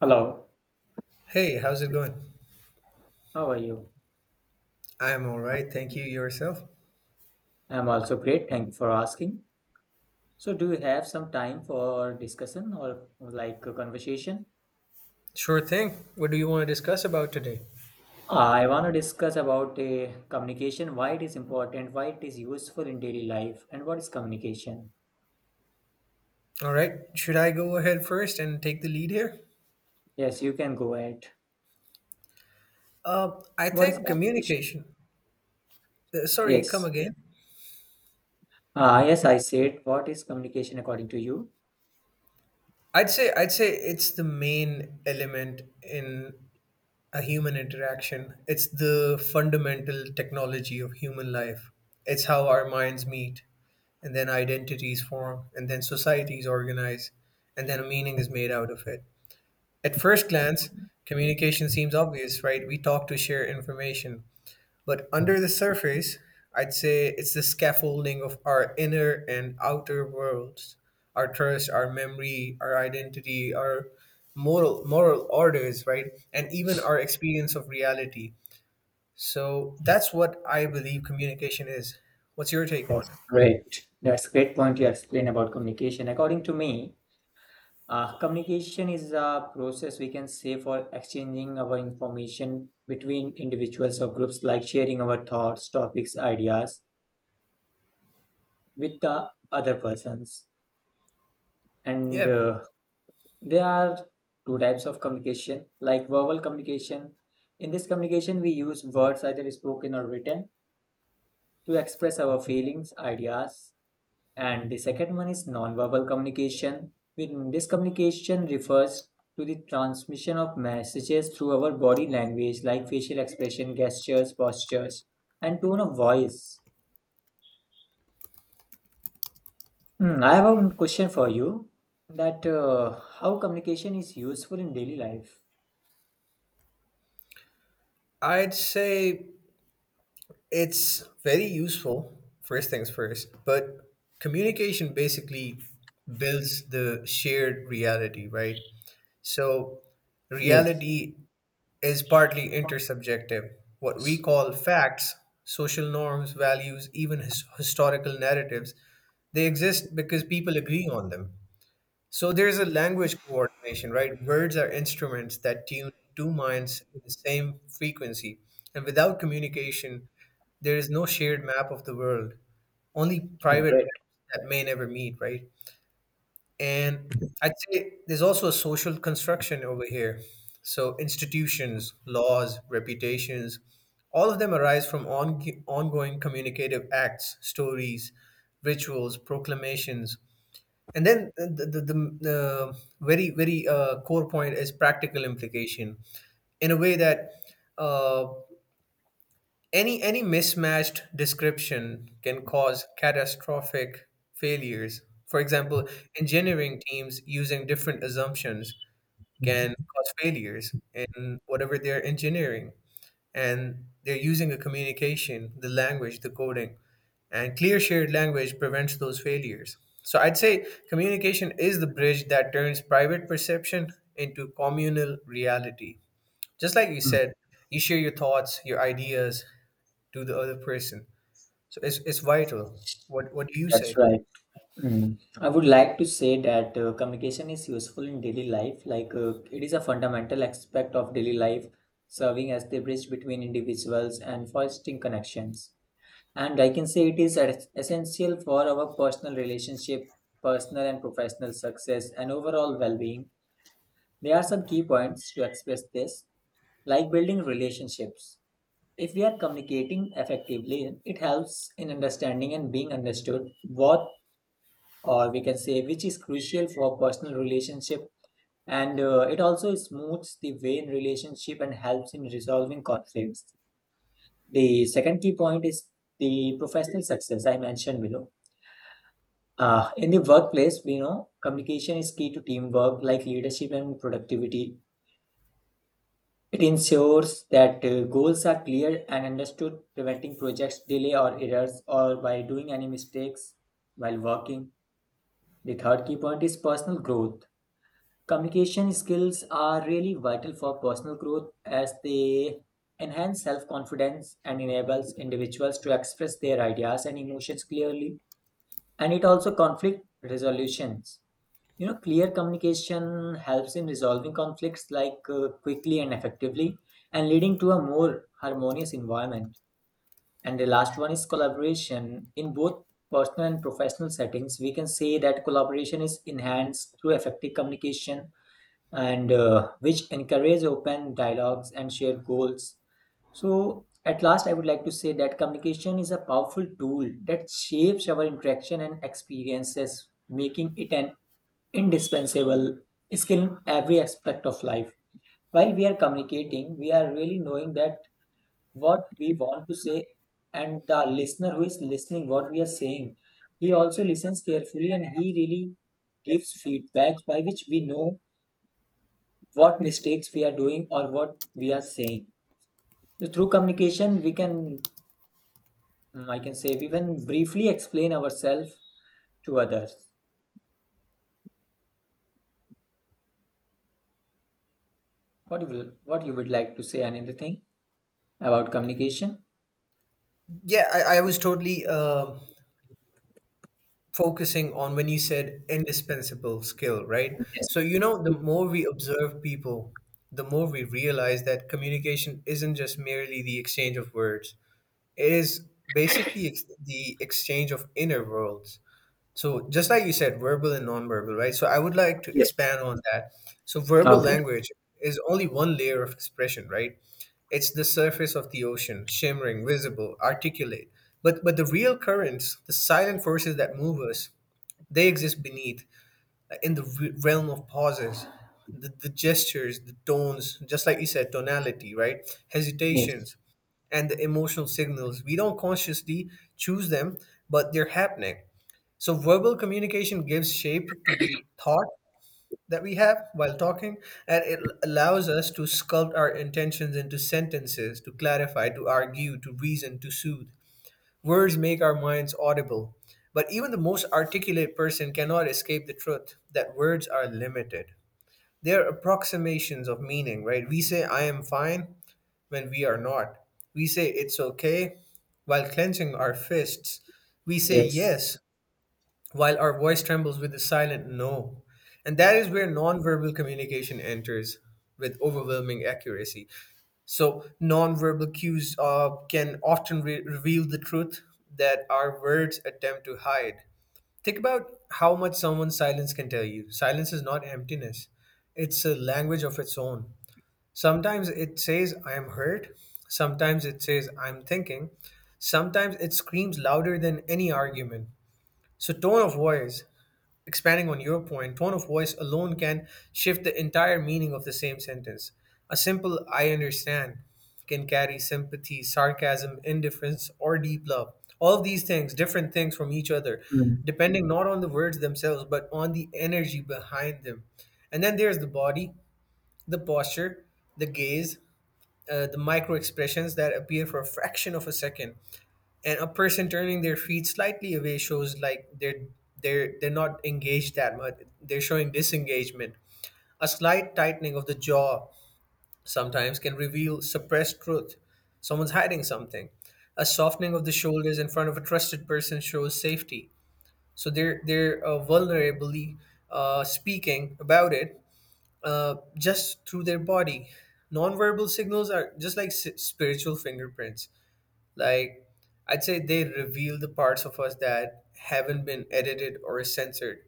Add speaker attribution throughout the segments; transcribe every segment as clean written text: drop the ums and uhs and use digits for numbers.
Speaker 1: Hello,
Speaker 2: Hey, how's it going?
Speaker 1: how are you?
Speaker 2: I'm all right, thank you. Yourself?
Speaker 1: I'm also great. Thank you for asking. So, do you have some time for discussion or like a conversation?
Speaker 2: Sure thing. What do you want to discuss about today?
Speaker 1: I want to discuss about communication, why it is important, why it is useful in daily life, and what is communication?
Speaker 2: All right, should I go ahead first and take the lead here?
Speaker 1: Yes, you can go ahead.
Speaker 2: I
Speaker 1: What is
Speaker 2: think
Speaker 1: communication?
Speaker 2: communication. Sorry, come
Speaker 1: Yes.
Speaker 2: again.
Speaker 1: Yes, I said, what is communication according to you?
Speaker 2: I'd say it's the main element in a human interaction. It's the fundamental technology of human life. It's how our minds meet, and then identities form, and then societies organize, and then a meaning is made out of it. At first glance, communication seems obvious, right? We talk to share information. But
Speaker 1: Mm.
Speaker 2: under the surface, I'd say it's the scaffolding of our inner and outer worlds, our trust, our memory, our identity, our moral orders, right? And even our experience of reality. So that's what I believe communication is. What's your take on it?
Speaker 1: That's great. That's great point you explain about communication. According to me, communication is a process we can say for exchanging our information between individuals or groups, like sharing our thoughts, topics, ideas with the other persons. And
Speaker 2: Yeah,
Speaker 1: there are two types of communication, like verbal communication. In this communication, we use words, either spoken or written, to express our feelings, ideas. And the second one is nonverbal communication. When this communication refers to the transmission of messages through our body language, like facial expression, gestures, postures, and tone of voice. Hmm, I have a question for you that how communication is useful in daily life.
Speaker 2: I'd say it's very useful, first things first, but communication basically builds the shared reality, right? So,
Speaker 1: Yes.
Speaker 2: reality is partly intersubjective. What we call facts, social norms, values, even historical narratives, they exist because people agree on them. So there's a language coordination, right? Words are instruments that tune two minds in the same frequency. And without communication, there is no shared map of the world, only private
Speaker 1: Great.
Speaker 2: maps that may never meet, right? And I'd say there's also a social construction over here. So institutions, laws, reputations, all of them arise from ongoing communicative acts, stories, rituals, proclamations, and then the very very core point is practical implication in a way that uh, any mismatched description can cause catastrophic failures, for example, engineering teams using different assumptions can
Speaker 1: Mhm.
Speaker 2: cause failures in whatever they're engineering, and they're using the communication, the language, the coding, and clear shared language prevents those failures. So I'd say communication is the bridge that turns private perception into communal reality. Just like you
Speaker 1: Hmm.
Speaker 2: said, you share your thoughts, your ideas to the other person. So it's vital. What do you
Speaker 1: That's
Speaker 2: say?
Speaker 1: right. Mm. I would like to say that communication is useful in daily life. Like it is a fundamental aspect of daily life, serving as the bridge between individuals and fostering connections. And I can say it is es- essential for our personal relationship, personal and professional success, and overall well-being. There are some key points to express this, like building relationships. If we are communicating effectively, it helps in understanding and being understood what, or we can say, which is crucial for personal relationship, and it also smooths the way in relationship and helps in resolving conflicts. The second key point is the professional success I mentioned below. In the workplace, we know communication is key to teamwork, like leadership and productivity. It ensures that goals are clear and understood, preventing projects delay or errors or by doing any mistakes while working. The third key point is personal growth. Communication skills are really vital for personal growth as they enhance self confidence and enables individuals to express their ideas and emotions clearly. And it also conflict resolutions. You know, clear communication helps in resolving conflicts like quickly and effectively, and leading to a more harmonious environment. And the last one is collaboration. In both personal and professional settings, we can say that collaboration is enhanced through effective communication, and which encourage open dialogues and share goals. So, at last, I would like to say that communication is a powerful tool that shapes our interaction and experiences, making it an indispensable skill in every aspect of life. While we are communicating, we are really knowing that what we want to say, and the listener who is listening, what we are saying, he also listens carefully and he really gives feedback by which we know what mistakes we are doing or what we are saying. So through communication, we can, I can say, we can briefly explain ourselves to others. What you will, what you would like to say? Anything about communication?
Speaker 2: Yeah, I was totally focusing on when you said indispensable skill, right?
Speaker 1: Yes.
Speaker 2: So, you know, the more we observe people, the more we realize that communication isn't just merely the exchange of words, it is basically the exchange of inner worlds. So, just like you said, verbal and nonverbal, right? So, I would like to
Speaker 1: Yes.
Speaker 2: expand on that. So, verbal
Speaker 1: Okay.
Speaker 2: language is only one layer of expression, right? It's the surface of the ocean, shimmering, visible, articulate. But the real currents, the silent forces that move us, they exist beneath, in the realm of pauses, the gestures, the tones, just like you said, tonality, right?
Speaker 1: Yes.
Speaker 2: Hesitations and the emotional signals. We don't consciously choose them, but they're happening. So, verbal communication gives shape to the thought that we have while talking, and it allows us to sculpt our intentions into sentences, to clarify, to argue, to reason, to soothe. Words make our minds audible, but even the most articulate person cannot escape the truth that words are limited. They are approximations of meaning, right? We say, I am fine, when we are not. We say, it's okay, while clenching our fists. We say,
Speaker 1: Yes.
Speaker 2: yes, while our voice trembles with a silent no. And that is where nonverbal communication enters with overwhelming accuracy. So, nonverbal cues can often reveal the truth that our words attempt to hide. Think about how much someone's silence can tell you. Silence is not emptiness, it's a language of its own. Sometimes it says, I am hurt. Sometimes it says, I'm thinking. Sometimes it screams louder than any argument. So, tone of voice, expanding on your point, tone of voice alone can shift the entire meaning of the same sentence. A simple I understand can carry sympathy, sarcasm, indifference, or deep love. All of these things, different things from each other,
Speaker 1: Mm,
Speaker 2: depending not on the words themselves, but on the energy behind them. And then there's the body, the posture, the gaze, the micro expressions that appear for a fraction of a second, and a person turning their feet slightly away shows like they're not engaged that much, they're showing disengagement. A slight tightening of the jaw sometimes can reveal suppressed truth, someone's hiding something. A softening of the shoulders in front of a trusted person shows safety, so they're vulnerably speaking about it, just through their body. Nonverbal signals are just like spiritual fingerprints. Like, I'd say they reveal the parts of us that haven't been edited or censored.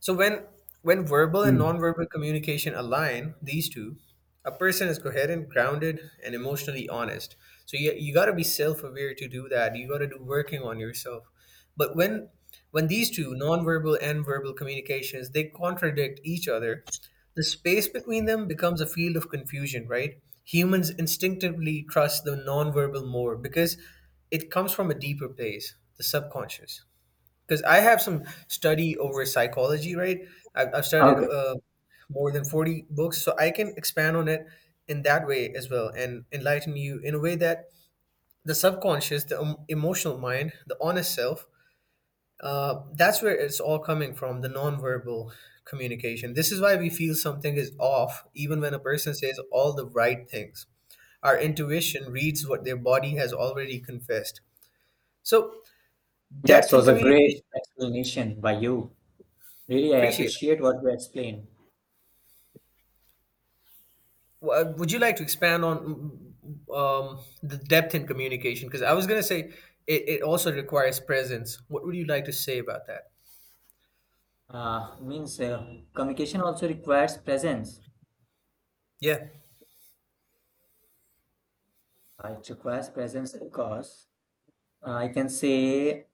Speaker 2: So when verbal and
Speaker 1: mm.
Speaker 2: nonverbal communication align, these two, a person is coherent, grounded, and emotionally honest. So you got to be self-aware to do that. You got to do working on yourself. But when these two, nonverbal and verbal communications, they contradict each other, the space between them becomes a field of confusion, right? Humans instinctively trust the nonverbal more because it comes from a deeper place, the subconscious, because I have some study over psychology, right? I've studied
Speaker 1: Okay.
Speaker 2: more than 40 books, so I can expand on it in that way as well and enlighten you in a way that the subconscious, the emotional mind, the honest self, that's where it's all coming from, the nonverbal communication. This is why we feel something is off, even when a person says all the right things. Our intuition reads what their body has already confessed. So,
Speaker 1: That
Speaker 2: depth in
Speaker 1: was a great
Speaker 2: communication,
Speaker 1: explanation by you. Really, I
Speaker 2: appreciate
Speaker 1: appreciate what you explained.
Speaker 2: Would you like to expand on the depth in communication? Because I was going to say it also requires presence. What would you like to say about that?
Speaker 1: Means communication also requires presence.
Speaker 2: Yeah.
Speaker 1: It requires presence because I can say.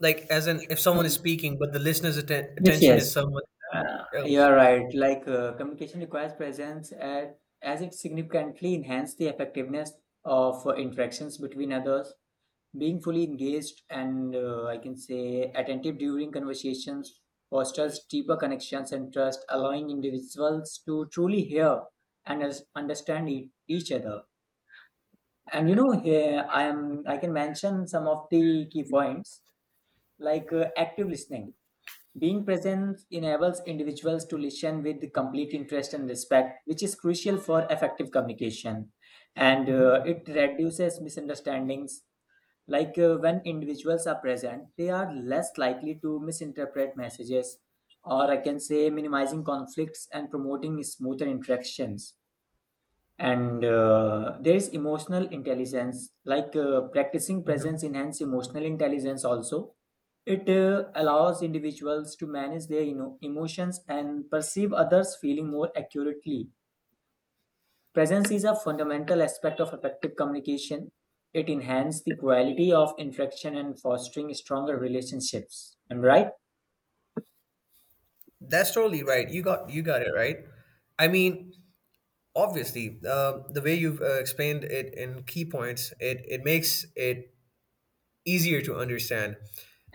Speaker 2: Like, as in, if someone is
Speaker 1: Um,
Speaker 2: speaking, but the listener's
Speaker 1: yes,
Speaker 2: attention
Speaker 1: yes.
Speaker 2: is someone
Speaker 1: You
Speaker 2: else.
Speaker 1: are right. Like communication requires presence at, as it significantly enhances the effectiveness of interactions between others. Being fully engaged and I can say attentive during conversations fosters deeper connections and trust, allowing individuals to truly hear and us- understand e- each other. And you know, here I am. I can mention some of the key points like active listening. Being present enables individuals to listen with complete interest and respect, which is crucial for effective communication. And
Speaker 2: Hmm.
Speaker 1: it reduces misunderstandings. Like when individuals are present, they are less likely to misinterpret messages, or I can say minimizing conflicts and promoting smoother interactions. And there is emotional intelligence, like practicing
Speaker 2: Hmm.
Speaker 1: presence enhance emotional intelligence also. It allows individuals to manage their, you know, emotions and perceive others feeling more accurately. Presence is a fundamental aspect of effective communication. It enhances the quality of interaction and fostering stronger relationships. Am I right?
Speaker 2: That's totally right. You got it right. I mean, obviously, the way you've explained it in key points, it makes it easier to understand.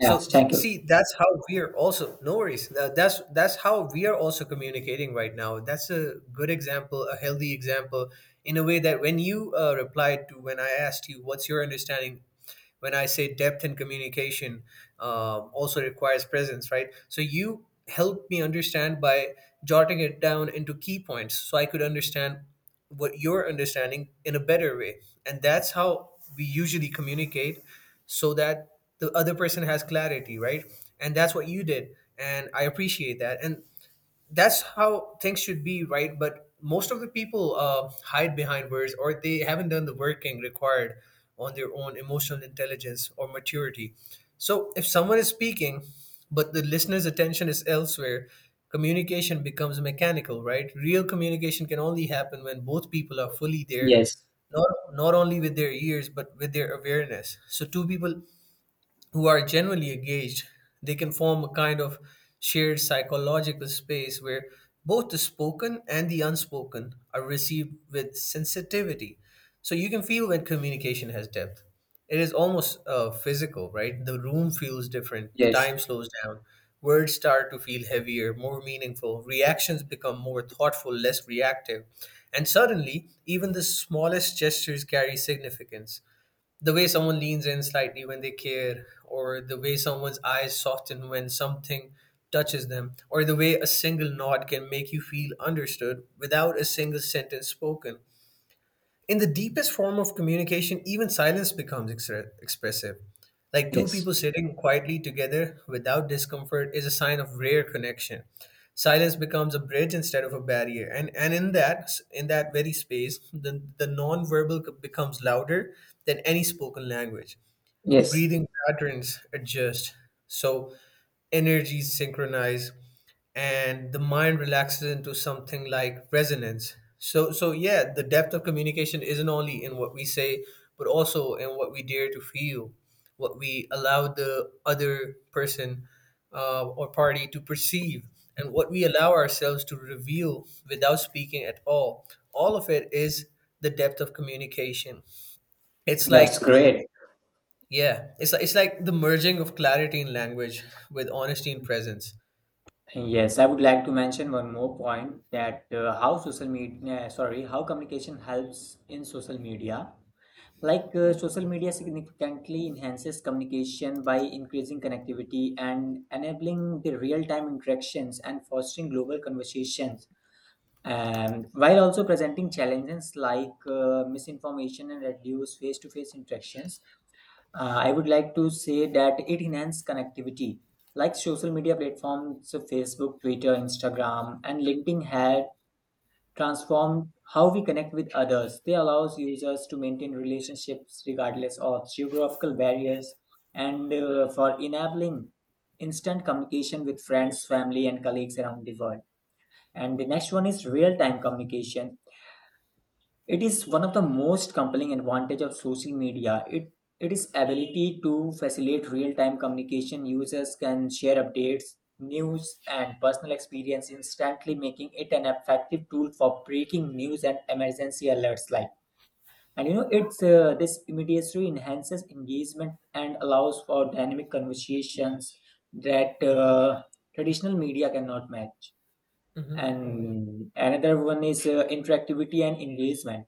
Speaker 1: Yes, thank you.
Speaker 2: see, that's how we are also, no worries. That's how we are also communicating right now. That's a good example, a healthy example, in a way that when you replied to when I asked you, "What's your understanding when I say depth and communication, also requires presence, right?" So you helped me understand by jotting it down into key points so I could understand what you're understanding in a better way, and that's how we usually communicate, so that the other person has clarity, right? And that's what you did, and I appreciate that, and that's how things should be, right? But most of the people hide behind words, or they haven't done the working required on their own emotional intelligence or maturity. So if someone is speaking but the listener's attention is elsewhere, communication becomes mechanical, right? Real communication can only happen when both people are fully there,
Speaker 1: Yes.
Speaker 2: not not only with their ears but with their awareness. So two people who are genuinely engaged, they can form a kind of shared psychological space where both the spoken and the unspoken are received with sensitivity. So you can feel when communication has depth. It is almost physical, right? The room feels different, the
Speaker 1: Yes.
Speaker 2: time slows down, words start to feel heavier, more meaningful, reactions become more thoughtful, less reactive. And suddenly, even the smallest gestures carry significance, the way someone leans in slightly when they care, or the way someone's eyes soften when something touches them, or the way a single nod can make you feel understood without a single sentence spoken. In the deepest form of communication, even silence becomes expressive. Like two
Speaker 1: Yes.
Speaker 2: people sitting quietly together without discomfort is a sign of rare connection. Silence becomes a bridge instead of a barrier, and in that very space, the nonverbal becomes louder than any spoken language.
Speaker 1: Yes.
Speaker 2: Breathing patterns adjust, so energies synchronize, and the mind relaxes into something like resonance. So yeah, the depth of communication isn't only in what we say, but also in what we dare to feel, what we allow the other person, or party, to perceive, and what we allow ourselves to reveal without speaking at all. All of it is the depth of communication. it's
Speaker 1: That's
Speaker 2: like
Speaker 1: great.
Speaker 2: yeah, it's like, it's like the merging of clarity in language with honesty in presence.
Speaker 1: Yes, I would like to mention one more point that how communication helps in social media. Like social media significantly enhances communication by increasing connectivity and enabling the real-time interactions and fostering global conversations. While also presenting challenges like misinformation and reduced face-to-face interactions, I would like to say that it enhances connectivity. Like social media platforms, so Facebook, Twitter, Instagram, and LinkedIn had transformed how we connect with others. They allows users to maintain relationships regardless of geographical barriers, and for enabling instant communication with friends, family, and colleagues around the world. And the next one is real-time communication. It is one of the most compelling advantage of social media. It is ability to facilitate real-time communication. Users can share updates, news, and personal experience instantly, making it an effective tool for breaking news and emergency alerts. Like, and you know, it's this immediacy enhances engagement and allows for dynamic conversations that traditional media cannot match.
Speaker 2: Hmm.
Speaker 1: And another one is interactivity and engagement,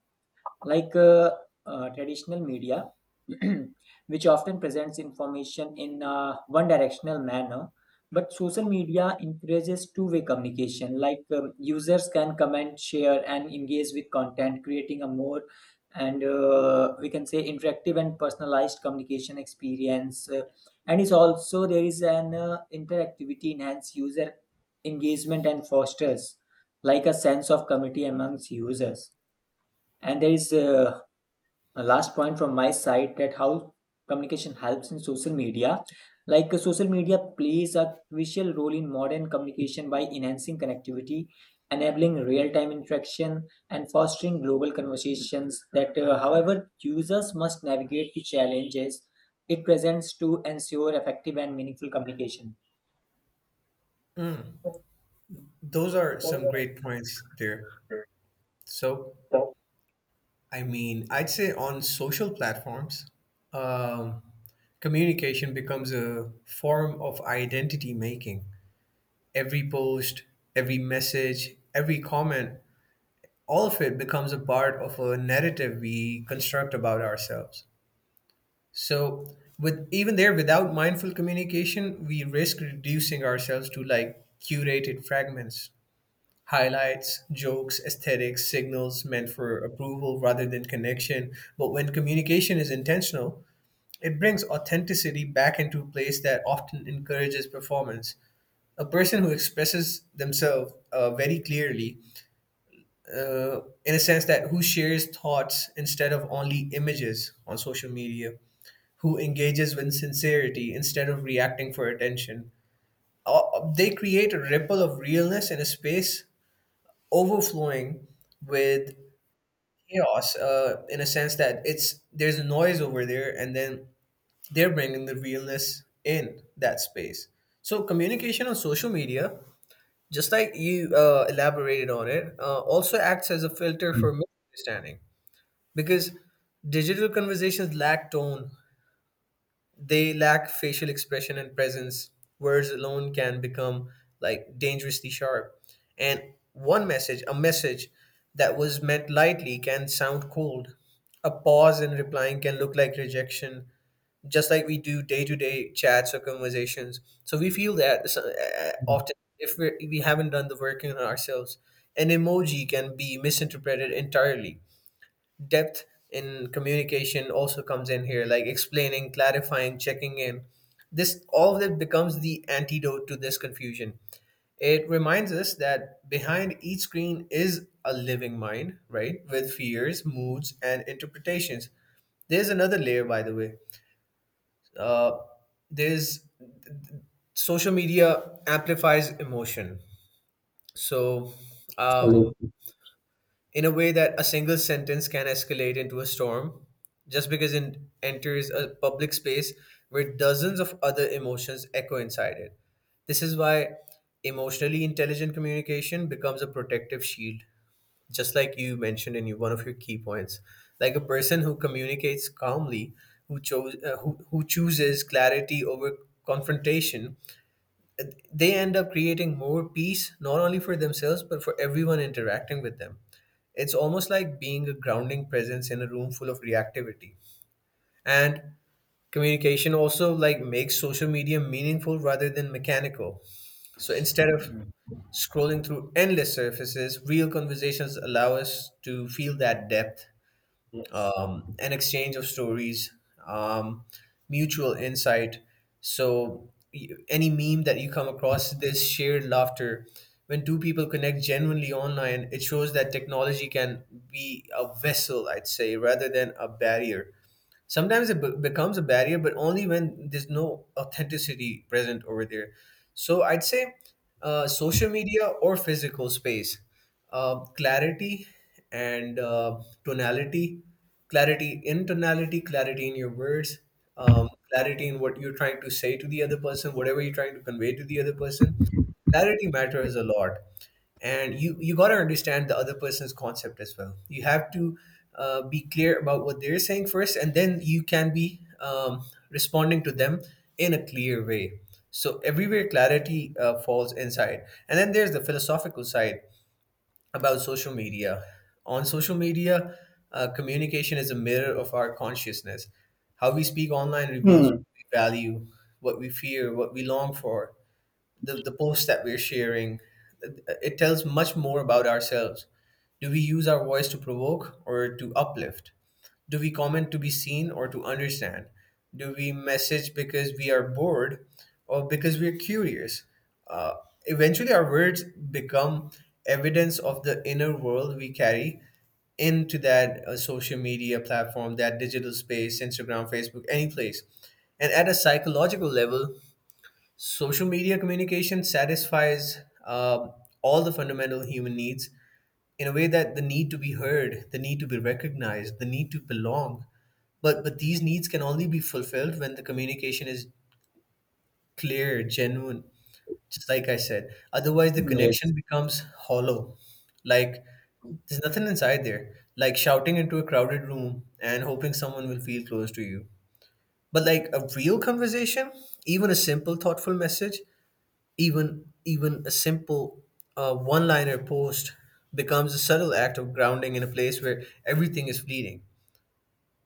Speaker 1: like traditional media, which often presents information in a one directional manner. But social media encourages two-way communication, like users can comment, share, and engage with content, creating a more, and we can say, interactive and personalized communication experience. And it's also there is an interactivity enhance user engagement and fosters like a sense of community amongst users. And there is a last point from my side, that how communication helps in social media. Like social media plays a crucial role in modern communication by enhancing connectivity, enabling real-time interaction and fostering global conversations, that however users must navigate the challenges it presents to ensure effective and meaningful communication.
Speaker 2: Those are some great points there. So, I mean, I'd say on social platforms, um, communication becomes a form of identity making. Every post, every message, every comment, all of it becomes a part of a narrative we construct about ourselves. So with even there without mindful communication, we risk reducing ourselves to like curated fragments, highlights, jokes, aesthetics, signals meant for approval rather than connection. But when communication is intentional, it brings authenticity back into a place that often encourages performance. A person who expresses themselves very clearly, in a sense that who shares thoughts instead of only images on social media, who engages with sincerity instead of reacting for attention. They create a ripple of realness in a space overflowing with chaos in a sense that it's there's noise over there, and then they're bringing the realness in that space. So communication on social media, just like you elaborated on it, also acts as a filter for misunderstanding, because digital conversations lack tone. They lack facial expression and presence. Words alone can become like dangerously sharp. And one message, a message that was meant lightly, can sound cold. A pause in replying can look like rejection, just like we do day to day chats or conversations. So we feel that often if we haven't done the work in ourselves. An emoji can be misinterpreted entirely. Depth in communication also comes in here, like explaining, clarifying, checking in. This, all of it becomes the antidote to this confusion. It reminds us that behind each screen is a living mind, right, with fears, moods and interpretations. There's another layer, by the way. uh, there's, social media amplifies emotion. so um,
Speaker 1: Mm.
Speaker 2: in a way that a single sentence can escalate into a storm, just because it enters a public space where dozens of other emotions echo inside it. This is why emotionally intelligent communication becomes a protective shield, just like you mentioned in your, one of your key points. Like a person who communicates calmly, who chooses clarity over confrontation, they end up creating more peace, not only for themselves but for everyone interacting with them. It's almost like being a grounding presence in a room full of reactivity. And communication also like makes social media meaningful rather than mechanical. So instead of scrolling through endless surfaces, real conversations allow us to feel that depth,
Speaker 1: Yes.
Speaker 2: an exchange of stories, um, mutual insight. So, any meme that you come across, there's shared laughter. When two people connect genuinely online, it shows that technology can be a vessel, I'd say, rather than a barrier. Sometimes it becomes a barrier, but only when there's no authenticity present over there. So I'd say, social media or physical space, clarity and tonality, clarity in tonality, clarity in your words, um, clarity in what you're trying to say to the other person, whatever you're trying to convey to the other person. Clarity matters a lot. And you got to understand the other person's concept as well. You have to be clear about what they're saying first, and then you can be responding to them in a clear way. So everywhere clarity falls inside. And then there's the philosophical side about social media. On social media, communication is a mirror of our consciousness. How we speak online reveals
Speaker 1: Hmm.
Speaker 2: what we value, what we fear, what we long for. The posts that we're sharing, it tells much more about ourselves. Do we use our voice to provoke or to uplift? Do we comment to be seen or to understand? Do we message because we are bored, or because we are curious? Uh, Eventually, our words become evidence of the inner world we carry into that social media platform, that digital space, Instagram, Facebook, any place. And at a psychological level, social media communication satisfies um all the fundamental human needs, in a way that the need to be heard, the need to be recognized, the need to belong. But these needs can only be fulfilled when the communication is clear, genuine. Just like I said, otherwise the connection
Speaker 1: Yes.
Speaker 2: becomes hollow. Like there's nothing inside there. Like shouting into a crowded room and hoping someone will feel close to you. But like a real conversation, even a simple, thoughtful message, even a simple one liner post becomes a subtle act of grounding in a place where everything is fleeting.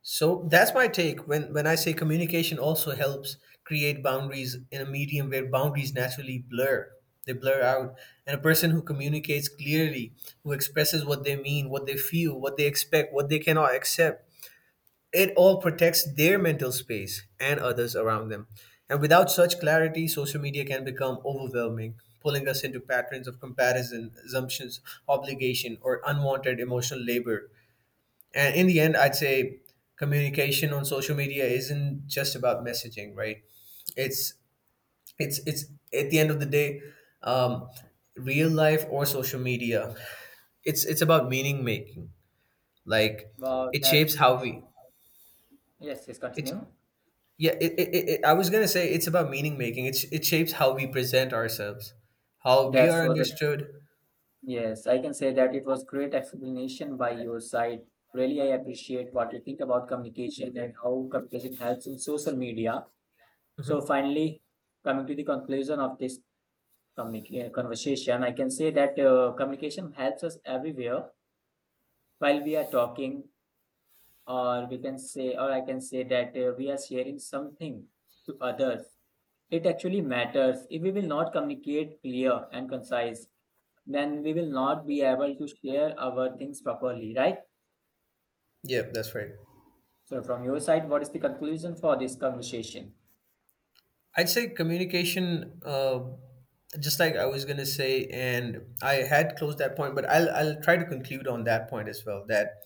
Speaker 2: So that's my take, when I say communication also helps create boundaries in a medium where boundaries naturally blur. They blur out. And a person who communicates clearly, who expresses what they mean, what they feel, what they expect, what they cannot accept, it all protects their mental space and others around them. And without such clarity, social media can become overwhelming, pulling us into patterns of comparison, assumptions, obligation, or unwanted emotional labor. And in the end, I'd say communication on social media isn't just about messaging, right? It's it's At the end of the day, um, real life or social media, it's about meaning making. Like
Speaker 1: wow
Speaker 2: it shapes
Speaker 1: that's
Speaker 2: how
Speaker 1: uh,
Speaker 2: we
Speaker 1: yes, yes,
Speaker 2: it
Speaker 1: continue.
Speaker 2: Yeah, I was gonna say it's about meaning making. It shapes how we present ourselves, how we
Speaker 1: That
Speaker 2: are
Speaker 1: was a
Speaker 2: understood.
Speaker 1: Yes, I can say that it was great explanation by your side. Really, I appreciate what you think about communication and how communication helps in social media. So finally, coming to the conclusion of this communica- conversation, I can say that communication helps us everywhere, while we are talking, or we can say, or I can say that we are sharing something to others. It actually matters. If we will not communicate clear and concise, then we will not be able to share our things properly, right?
Speaker 2: Yeah, that's right.
Speaker 1: So from your side, what is the conclusion for this conversation?
Speaker 2: I'd say communication. Just like I was gonna say, and I had closed that point, but I'll try to conclude on that point as well. That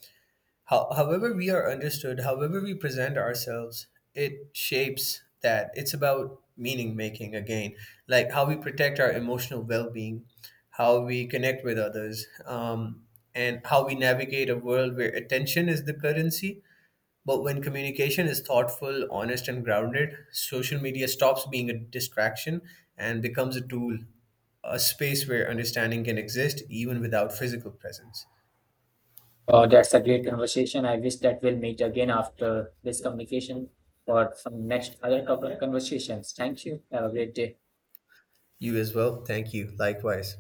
Speaker 2: how, however we are understood, however we present ourselves, it shapes that. It's about meaning making again, like how we protect our emotional well being, how we connect with others, and how we navigate a world where attention is the currency. But when communication is thoughtful, honest, and grounded, social media stops being a distraction and becomes a tool, a space where understanding can exist even without physical presence.
Speaker 1: Oh, that's a great conversation. I wish that we'll meet again after this communication for some next other couple of conversations. Thank you. Have a great day.
Speaker 2: You as well. Thank you. Likewise.